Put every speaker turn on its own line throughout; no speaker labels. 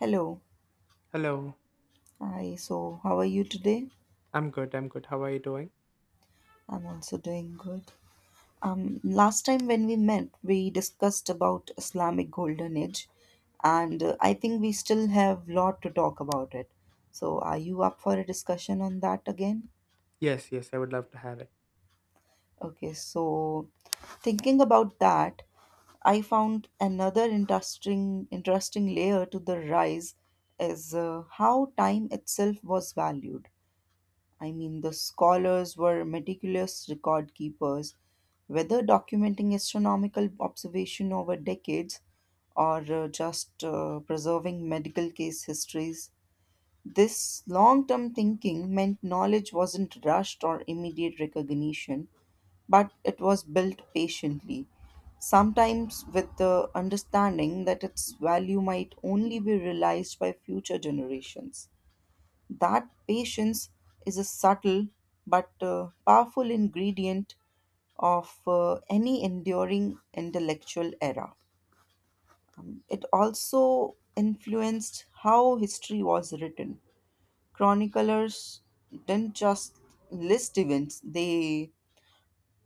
Hello.
Hello.
Hi. So, how are you today?
I'm good. I'm good. How are you doing?
I'm also doing good. Last time when we met, we discussed about Islamic Golden Age, and I think we still have lot to talk about it. So, are you up for a discussion on that again?
Yes, yes, I would love to have it.
Okay. So, thinking about that, I found another interesting layer to the rise is how time itself was valued. I mean, the scholars were meticulous record keepers, whether documenting astronomical observation over decades or just preserving medical case histories. This long term thinking meant knowledge wasn't rushed or immediate recognition, but it was built patiently, sometimes with the understanding that its value might only be realized by future generations. That patience is a subtle but powerful ingredient of any enduring intellectual era. It also influenced how history was written. Chroniclers didn't just list events, they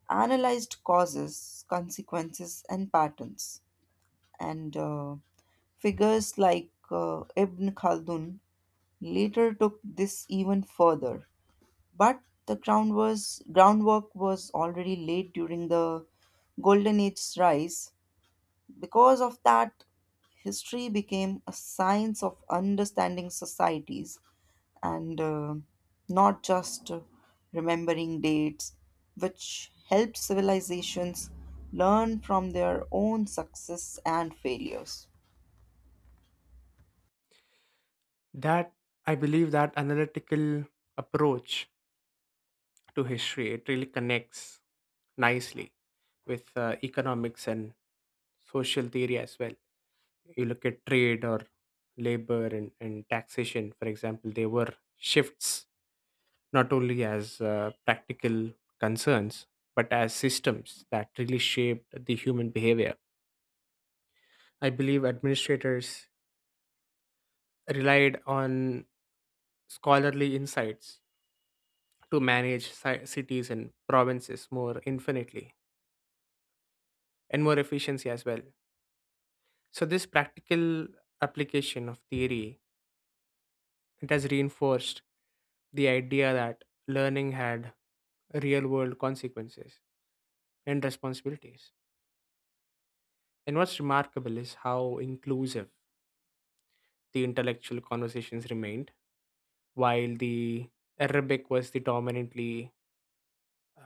analyzed causes, consequences, and patterns. And Figures like Ibn Khaldun later took this even further. But the groundwork was already laid during the Golden Age's rise. Because of that, history became a science of understanding societies and not just remembering dates, which helped civilizations learn from their own success and failures.
That I believe that analytical approach to history it really connects nicely with economics and social theory as well. You look at trade or labor and taxation, for example, they were shifts not only as practical concerns but as systems that really shaped the human behavior. I believe administrators relied on scholarly insights to manage cities and provinces more infinitely and more efficiency as well. So, this practical application of theory it has reinforced the idea that learning had real world consequences and responsibilities. And what's remarkable is how inclusive the intellectual conversations remained while the Arabic was the dominantly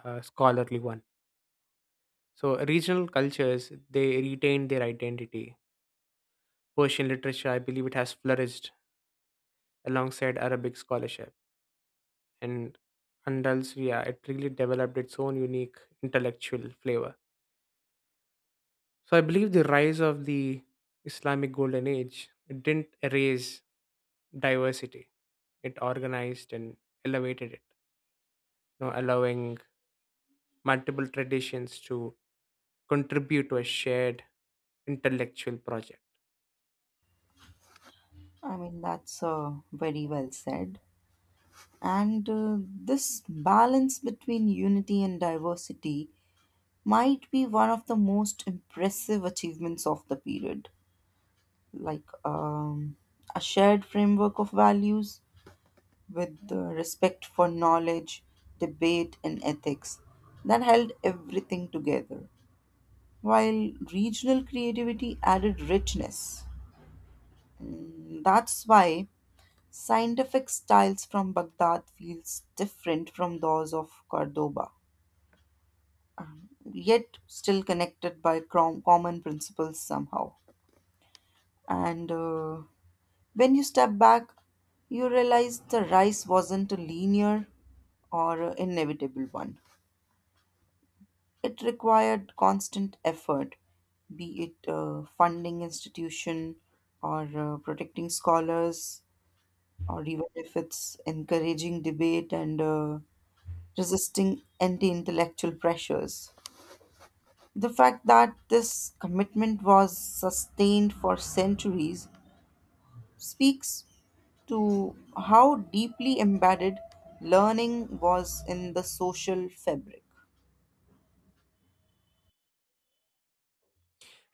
scholarly one. So regional cultures they retained their identity. Persian literature, I believe, it has flourished alongside Arabic scholarship, and Andalusia it really developed its own unique intellectual flavor. So I believe the rise of the Islamic Golden Age it didn't erase diversity; it organized and elevated it, you know, allowing multiple traditions to contribute to a shared intellectual project.
I mean, that's very well said. And This balance between unity and diversity might be one of the most impressive achievements of the period. Like a shared framework of values with the respect for knowledge, debate, and ethics that held everything together, while regional creativity added richness. That's why scientific styles from Baghdad feels different from those of Cordoba, yet still connected by common principles somehow. And When you step back, you realize the rise wasn't a linear or inevitable one. It required constant effort, be it funding institution or protecting scholars, or even if it's encouraging debate and resisting anti intellectual pressures. The fact that this commitment was sustained for centuries speaks to how deeply embedded learning was in the social fabric.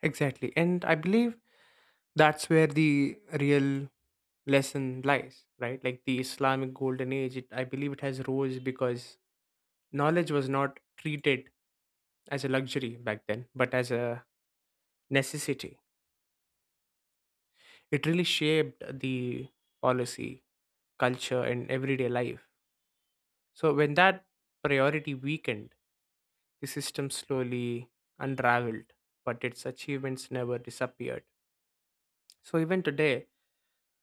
Exactly. And I believe that's where the real lesson lies, right? Like the Islamic golden age, it, I believe it has rose because knowledge was not treated as a luxury back then, but as a necessity. It really shaped the policy, culture, and everyday life. So when that priority weakened, the system slowly unraveled, but its achievements never disappeared. So even today,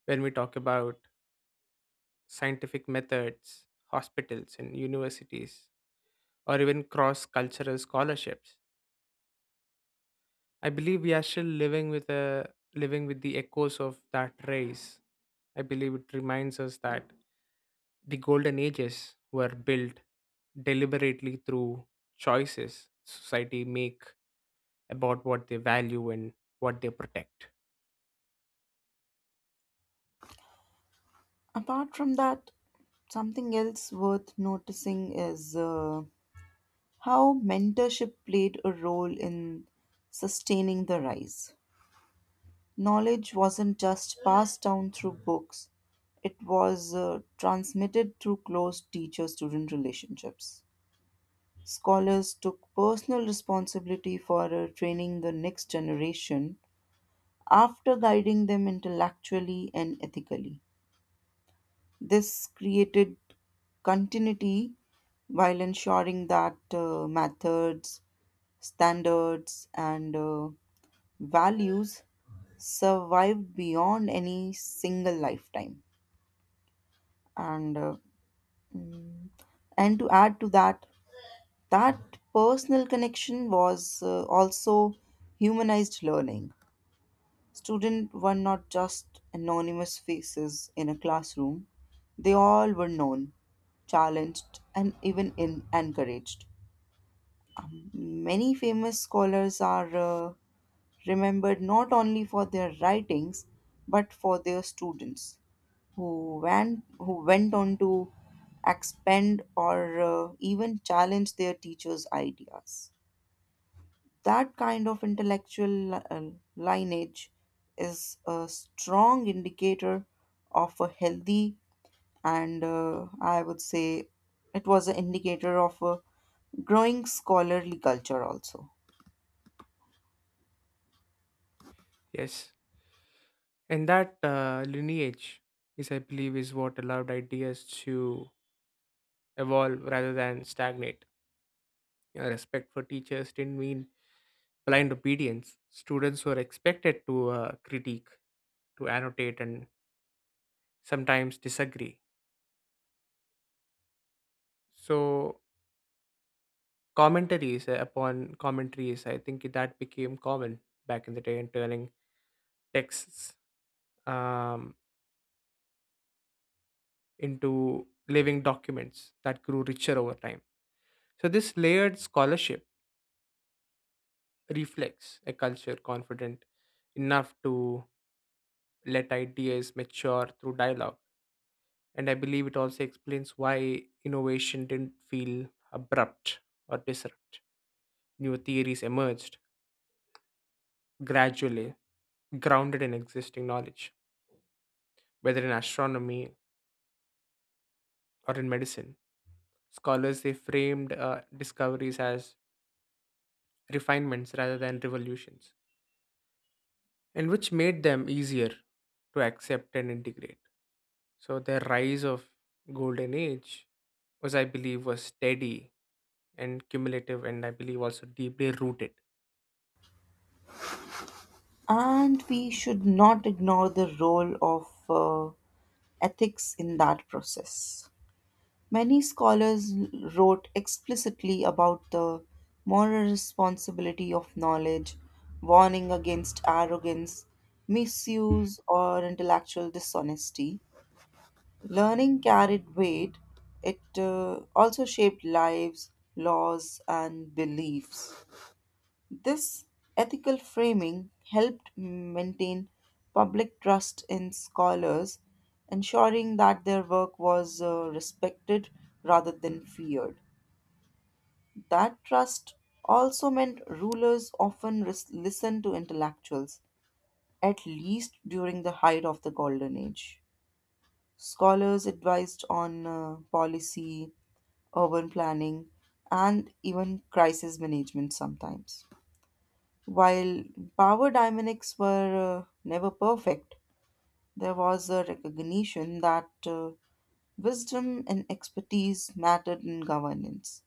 when we talk about scientific methods, hospitals, and universities, or even cross-cultural scholarships. I believe we are still living with the echoes of that race. I believe it reminds us that the golden ages were built deliberately through choices society make about what they value and what they protect.
Apart from that, something else worth noticing is how mentorship played a role in sustaining the rise. Knowledge wasn't just passed down through books, it was transmitted through close teacher student relationships. Scholars took personal responsibility for training the next generation after guiding them intellectually and ethically. This created continuity while ensuring that methods, standards, and values survived beyond any single lifetime. And uh, mm, and to add to that, that personal connection was also humanized learning. Students were not just anonymous faces in a classroom, they all were known, challenged, and even encouraged. Many famous scholars are remembered not only for their writings but for their students who went on to expand or even challenge their teachers' ideas. That kind of intellectual lineage is a strong indicator of a healthy and I would say it was an indicator of a growing scholarly culture also.
Yes. And that lineage is, I believe, is what allowed ideas to evolve rather than stagnate. You know, respect for teachers didn't mean blind obedience. Students were expected to critique, to annotate, and sometimes disagree. So commentaries upon commentaries, I think that became common back in the day, and turning texts um, into living documents that grew richer over time. So this layered scholarship reflects a culture confident enough to let ideas mature through dialogue. And I believe it also explains why innovation didn't feel abrupt or disrupt. New theories emerged gradually, grounded in existing knowledge, whether in astronomy or in medicine. Scholars they framed discoveries as refinements rather than revolutions, and which made them easier to accept and integrate. So the rise of golden age was, I believe, was steady and cumulative and I believe also deeply rooted.
And we should not ignore the role of ethics in that process. Many scholars wrote explicitly about the moral responsibility of knowledge, warning against arrogance, misuse, or intellectual dishonesty. Learning carried weight, it also shaped lives, laws, and beliefs. This ethical framing helped maintain public trust in scholars, ensuring that their work was respected rather than feared. That trust also meant rulers often listened to intellectuals, at least during the height of the Golden Age. Scholars advised on policy, urban planning, and even crisis management sometimes. While power dynamics were never perfect, there was a recognition that wisdom and expertise mattered in governance,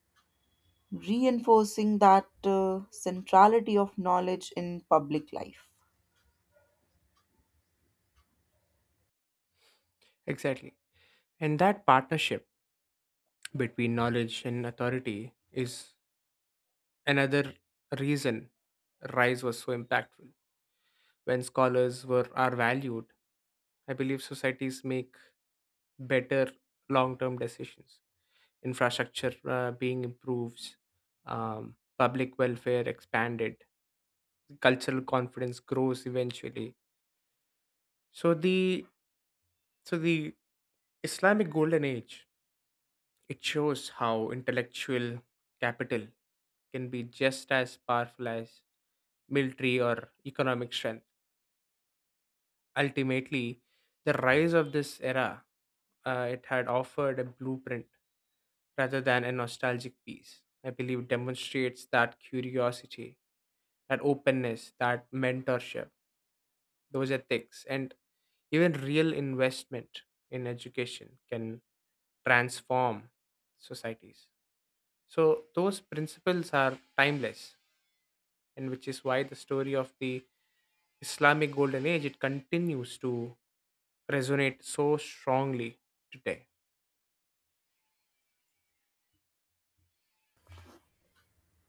reinforcing that centrality of knowledge in public life.
Exactly. And that partnership between knowledge and authority is another reason Rise was so impactful. When scholars were are valued, I believe societies make better long-term decisions. Infrastructure being improved, public welfare expanded, cultural confidence grows eventually. So the so the Islamic golden age it shows how intellectual capital can be just as powerful as military or economic strength. Ultimately, the rise of this era, it had offered a blueprint rather than a nostalgic piece. I believe demonstrates that curiosity, that openness, that mentorship, those ethics, and even real investment in education can transform societies. So those principles are timeless, and which is why the story of the Islamic Golden Age it continues to resonate so strongly today.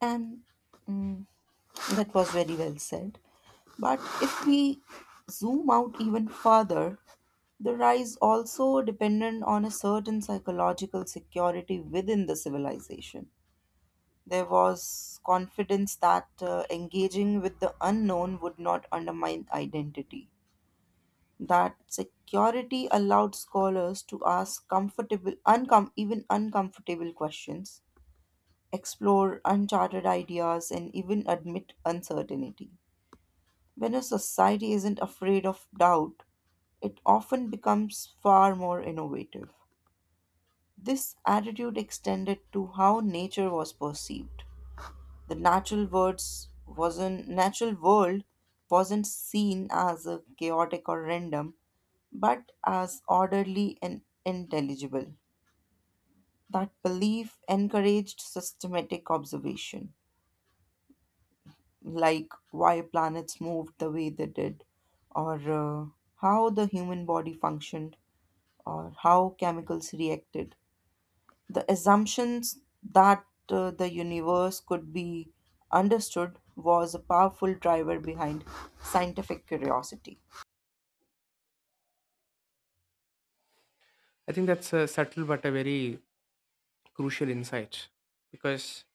And mm, that was very well said. But if we zoom out even further, the rise also dependent on a certain psychological security within the civilization. There was confidence that engaging with the unknown would not undermine identity. That security allowed scholars to ask even uncomfortable questions, explore uncharted ideas, and even admit uncertainty. When a society isn't afraid of doubt, it often becomes far more innovative. This attitude extended to how nature was perceived. The natural world wasn't seen as a chaotic or random, but as orderly and intelligible. That belief encouraged systematic observation, like why planets moved the way they did, or how the human body functioned, or how chemicals reacted. The assumptions that the universe could be understood was a powerful driver behind scientific curiosity.
I think that's a subtle but a very crucial insight because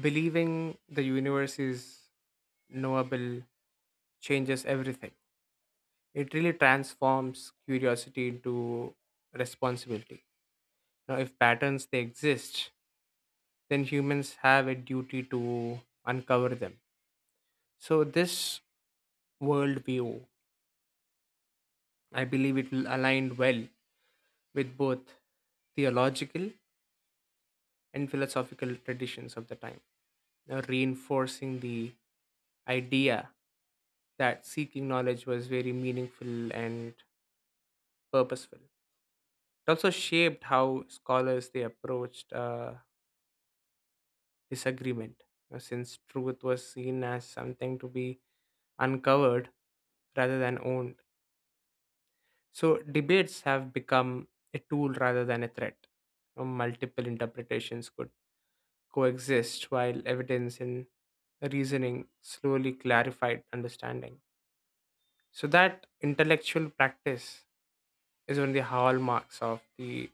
believing the universe is knowable changes everything. It really transforms curiosity into responsibility. Now, if patterns they exist, then humans have a duty to uncover them. So, this worldview, I believe it will align well with both theological and philosophical traditions of the time, reinforcing the idea that seeking knowledge was very meaningful and purposeful. It also shaped how scholars they approached disagreement, since truth was seen as something to be uncovered rather than owned. So debates have become a tool rather than a threat. Multiple interpretations could coexist while evidence and reasoning slowly clarified understanding. So that intellectual practice is one of the hallmarks of the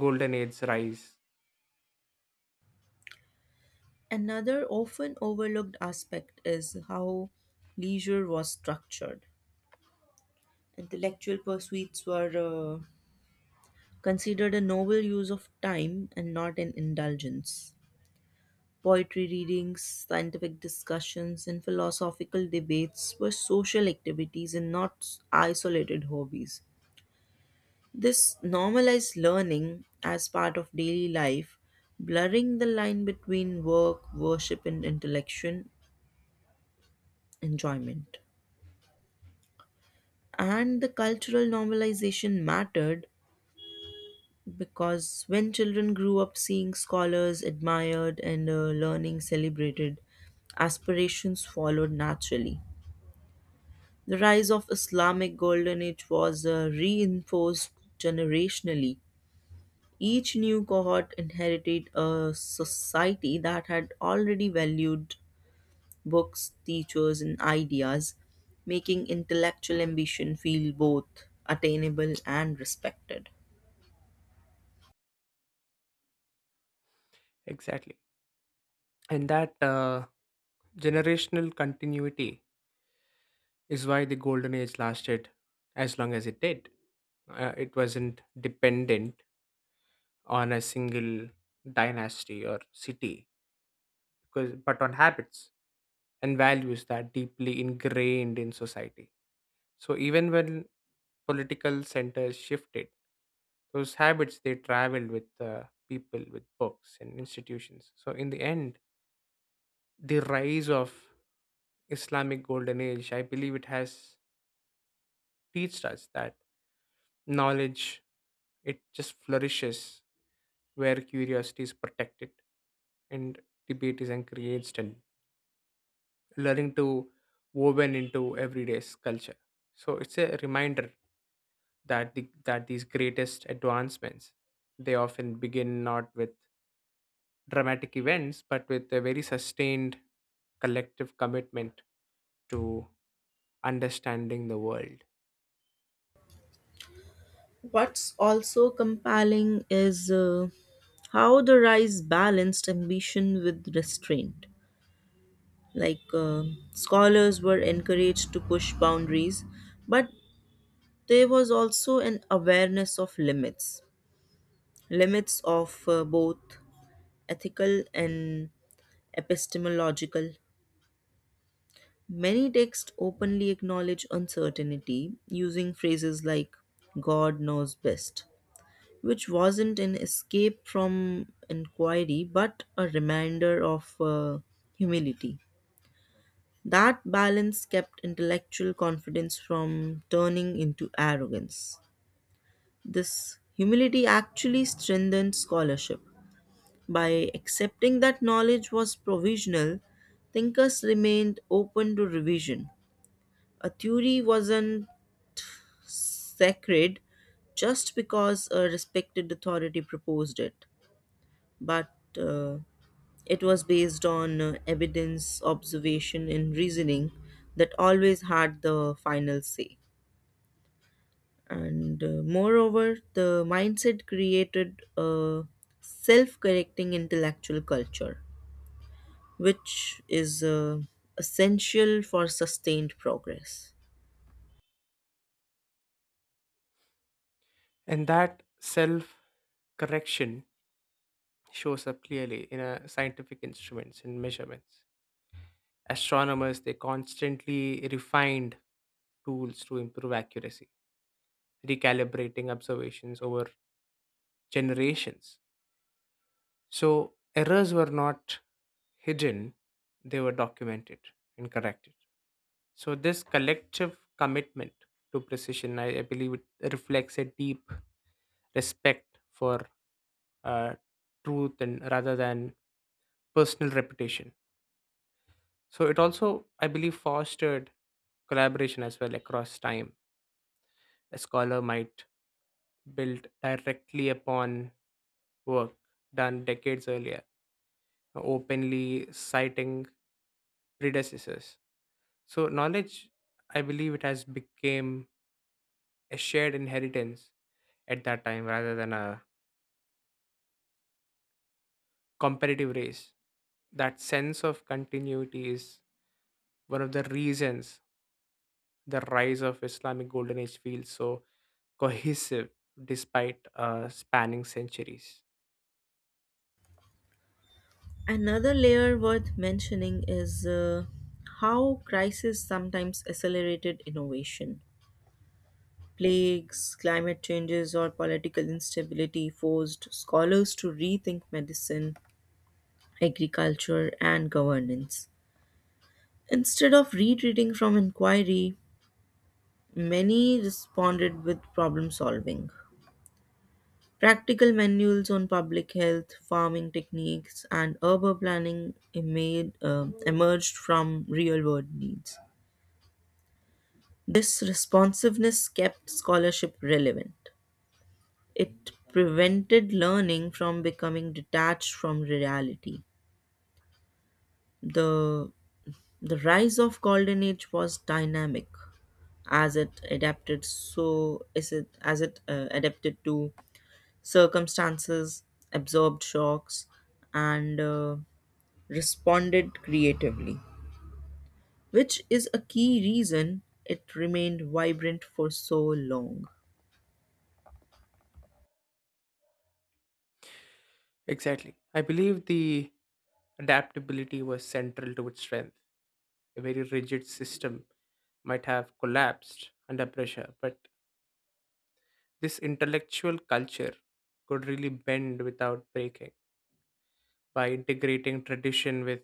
golden age's rise.
Another often overlooked aspect is how leisure was structured. Intellectual pursuits were considered a noble use of time and not an indulgence. Poetry readings, scientific discussions, and philosophical debates were social activities and not isolated hobbies. This normalized learning as part of daily life, blurring the line between work, worship, and intellectual enjoyment. And the cultural normalization mattered because when children grew up seeing scholars admired and learning celebrated, aspirations followed naturally. The rise of Islamic Golden Age was reinforced generationally. Each new cohort inherited a society that had already valued books, teachers, and ideas, making intellectual ambition feel both attainable and respected.
Exactly. And that generational continuity is why the golden age lasted as long as it did. It wasn't dependent on a single dynasty or city, because, but on habits and values that are deeply ingrained in society. So even when political centers shifted, those habits they traveled with people, with books and institutions. So in the end, the rise of Islamic Golden Age, I believe it has teached us that knowledge it just flourishes where curiosity is protected and debate is encouraged and learning to woven into everyday's culture. So it's a reminder that these greatest advancements they often begin not with dramatic events but with a very sustained collective commitment to understanding the world.
What's also compelling is how the rise balanced ambition with restraint. Like scholars were encouraged to push boundaries, but there was also an awareness of limits, limits of both ethical and epistemological. Many texts openly acknowledge uncertainty using phrases like God knows best, which wasn't an escape from inquiry but a reminder of humility. That balance kept intellectual confidence from turning into arrogance. This humility actually strengthened scholarship. By accepting that knowledge was provisional, thinkers remained open to revision. A theory wasn't sacred just because a respected authority proposed it, but uh, it was based on evidence, observation, and reasoning that always had the final say. And Moreover, the mindset created a self correcting intellectual culture which is essential for sustained progress.
And that self correction shows up clearly in scientific instruments and measurements. Astronomers they constantly refined tools to improve accuracy, recalibrating observations over generations. So errors were not hidden, they were documented and corrected. So this collective commitment to precision, I believe it reflects a deep respect for uh, truth and rather than personal reputation. So it also, I believe, fostered collaboration as well across time. A scholar might build directly upon work done decades earlier, openly citing predecessors. So knowledge, I believe it has become a shared inheritance at that time rather than a competitive race. That sense of continuity is one of the reasons the rise of Islamic Golden Age feels so cohesive despite spanning centuries.
Another layer worth mentioning is how crises sometimes accelerated innovation. Plagues, climate changes, or political instability forced scholars to rethink medicine, agriculture, and governance. Instead of retreating from inquiry, many responded with problem solving. Practical manuals on public health, farming techniques, and urban planning emerged from real world needs. This responsiveness kept scholarship relevant. It prevented learning from becoming detached from reality. The, the rise of Golden Age was dynamic as it adapted so is it as it adapted to circumstances, absorbed shocks, and responded creatively, which is a key reason it remained vibrant for so long.
Exactly. I believe the adaptability was central to its strength. A very rigid system might have collapsed under pressure, but this intellectual culture could really bend without breaking by integrating tradition with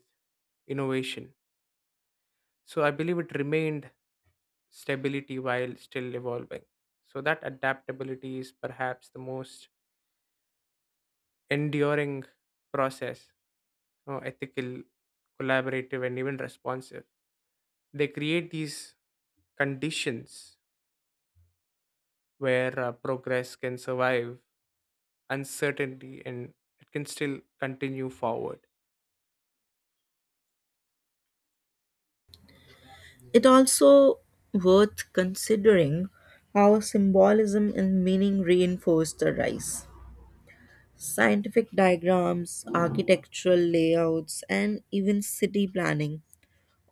innovation. So I believe it remained stability while still evolving. So that adaptability is perhaps the most enduring process, you know, ethical, collaborative, and even responsive. They create these conditions where progress can survive uncertainty and it can still continue forward.
It also worth considering how symbolism and meaning reinforced the rise. Scientific diagrams, architectural layouts, and even city planning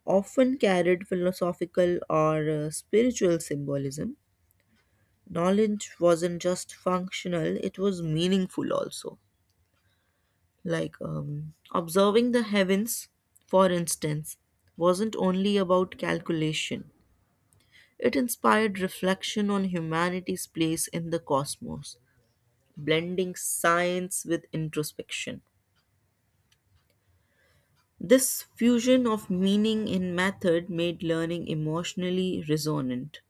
often carried philosophical or spiritual symbolism. Knowledge wasn't just functional, it was meaningful also. Like observing the heavens, for instance, wasn't only about calculation. It inspired reflection on humanity's place in the cosmos, blending science with introspection. This fusion of meaning and method made learning emotionally resonant.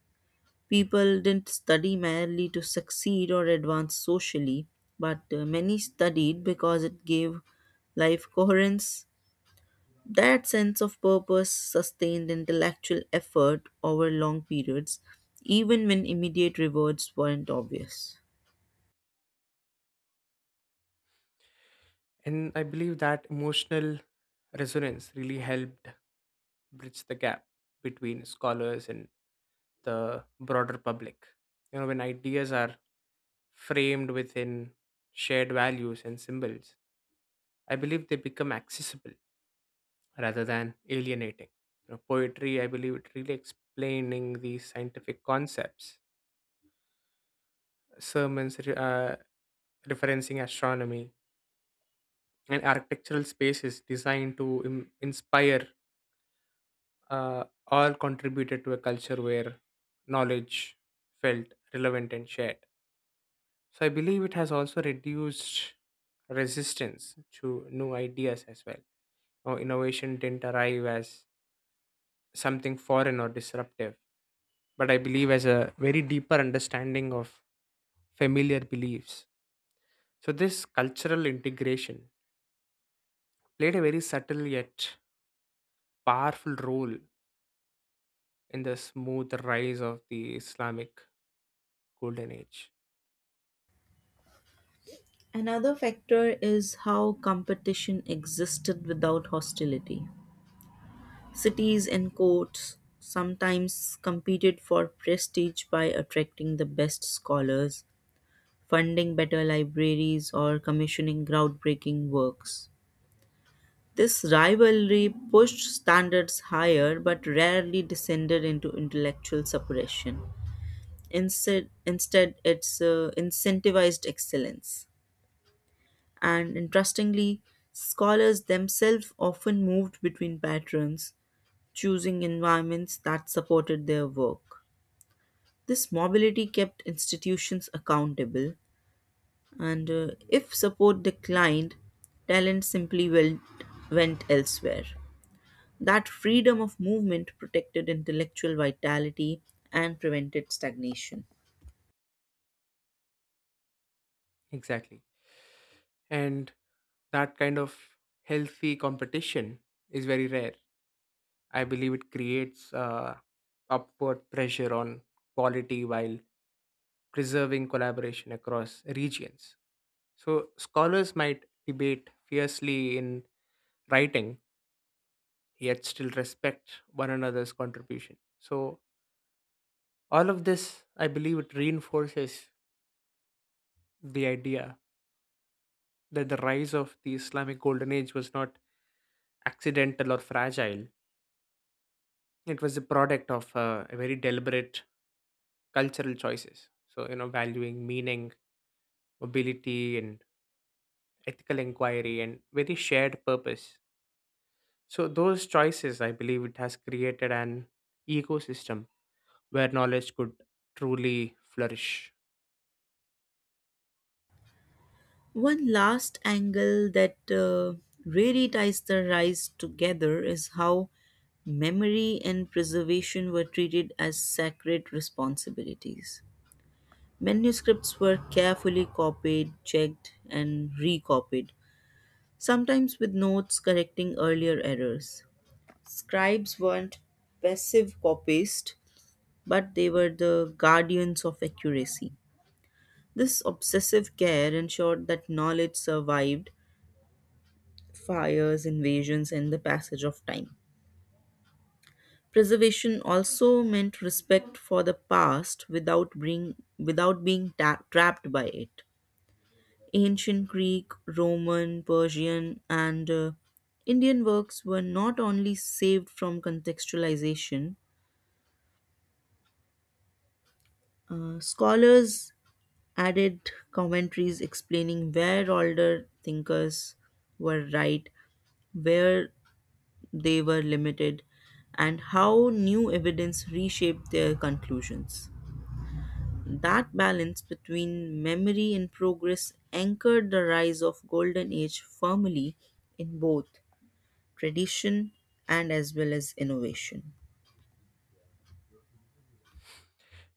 People didn't study merely to succeed or advance socially, but many studied because it gave life coherence. That sense of purpose sustained intellectual effort over long periods, even when immediate rewards weren't obvious.
And I believe that emotional resonance really helped bridge the gap between scholars and the broader public. You know, when ideas are framed within shared values and symbols, I believe they become accessible rather than alienating. You know, poetry, I believe, it really explaining these scientific concepts. Sermons referencing astronomy and architectural spaces designed to inspire all contributed to a culture where knowledge felt relevant and shared. So I believe it has also reduced resistance to new ideas as well. Now, innovation didn't arrive as something foreign or disruptive, but I believe as a very deeper understanding of familiar beliefs. So this cultural integration played a very subtle yet powerful role in the smooth rise of the Islamic Golden Age.
Another factor is how competition existed without hostility. Cities and courts sometimes competed for prestige by attracting the best scholars, funding better libraries, or commissioning groundbreaking works. This rivalry pushed standards higher but rarely descended into intellectual separation. Instead, it's incentivized excellence. And interestingly, scholars themselves often moved between patrons, choosing environments that supported their work. This mobility kept institutions accountable, and if support declined, talent simply went elsewhere. That freedom of movement protected intellectual vitality and prevented stagnation.
Exactly. And that kind of healthy competition is very rare. I believe it creates upward pressure on quality while preserving collaboration across regions. So, scholars might debate fiercely in writing, yet still respect one another's contribution. So, all of this, I believe, it reinforces the idea that the rise of the Islamic Golden Age was not accidental or fragile. It was a product of a very deliberate cultural choices. So, you know, valuing meaning, mobility, and ethical inquiry, and very shared purpose. So, those choices, I believe, it has created an ecosystem where knowledge could truly flourish.
One last angle that really ties the rise together is how memory and preservation were treated as sacred responsibilities. Manuscripts were carefully copied, checked, and recopied, sometimes with notes correcting earlier errors. Scribes weren't passive copyists, but they were the guardians of accuracy. This obsessive care ensured that knowledge survived fires, invasions, and the passage of time. Preservation also meant respect for the past without being trapped by it. Ancient Greek, Roman, Persian, and Indian works were not only saved from contextualization, scholars added commentaries explaining where older thinkers were right, where they were limited, and how new evidence reshaped their conclusions. That balance between memory and progress anchored the rise of Golden Age firmly in both tradition and as well as innovation.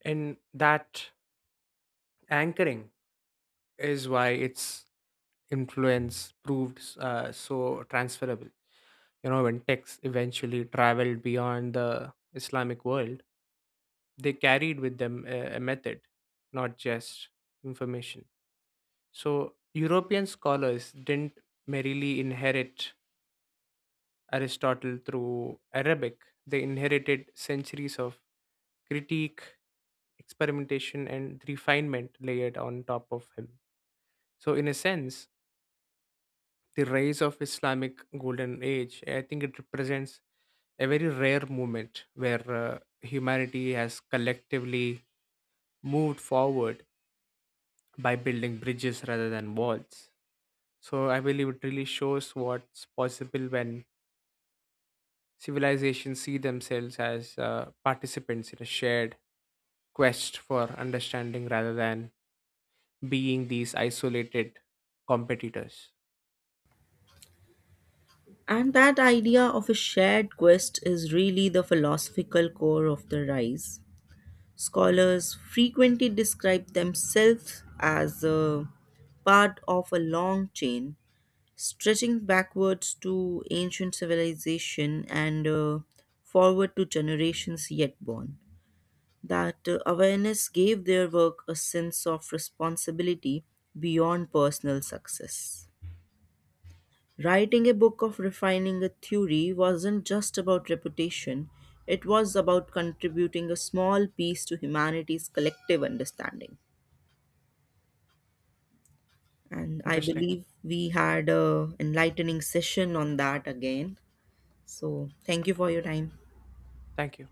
And that anchoring is why its influence proved so transferable. You know, when texts eventually traveled beyond the Islamic world, they carried with them a method, not just information. So, European scholars didn't merely inherit Aristotle through Arabic, they inherited centuries of critique, experimentation, and refinement layered on top of him. So, in a sense, the rise of Islamic Golden Age, I think it represents a very rare moment where humanity has collectively moved forward by building bridges rather than walls. So I believe it really shows what's possible when civilizations see themselves as participants in a shared quest for understanding rather than being these isolated competitors.
And that idea of a shared quest is really the philosophical core of the rise. Scholars frequently describe themselves as a part of a long chain stretching backwards to ancient civilization and forward to generations yet born. That awareness gave their work a sense of responsibility beyond personal success. Writing a book of refining a theory wasn't just about reputation, it was about contributing a small piece to humanity's collective understanding. And I
Interesting.
believe we had a enlightening session on that again. So, thank you for your time.
Thank you.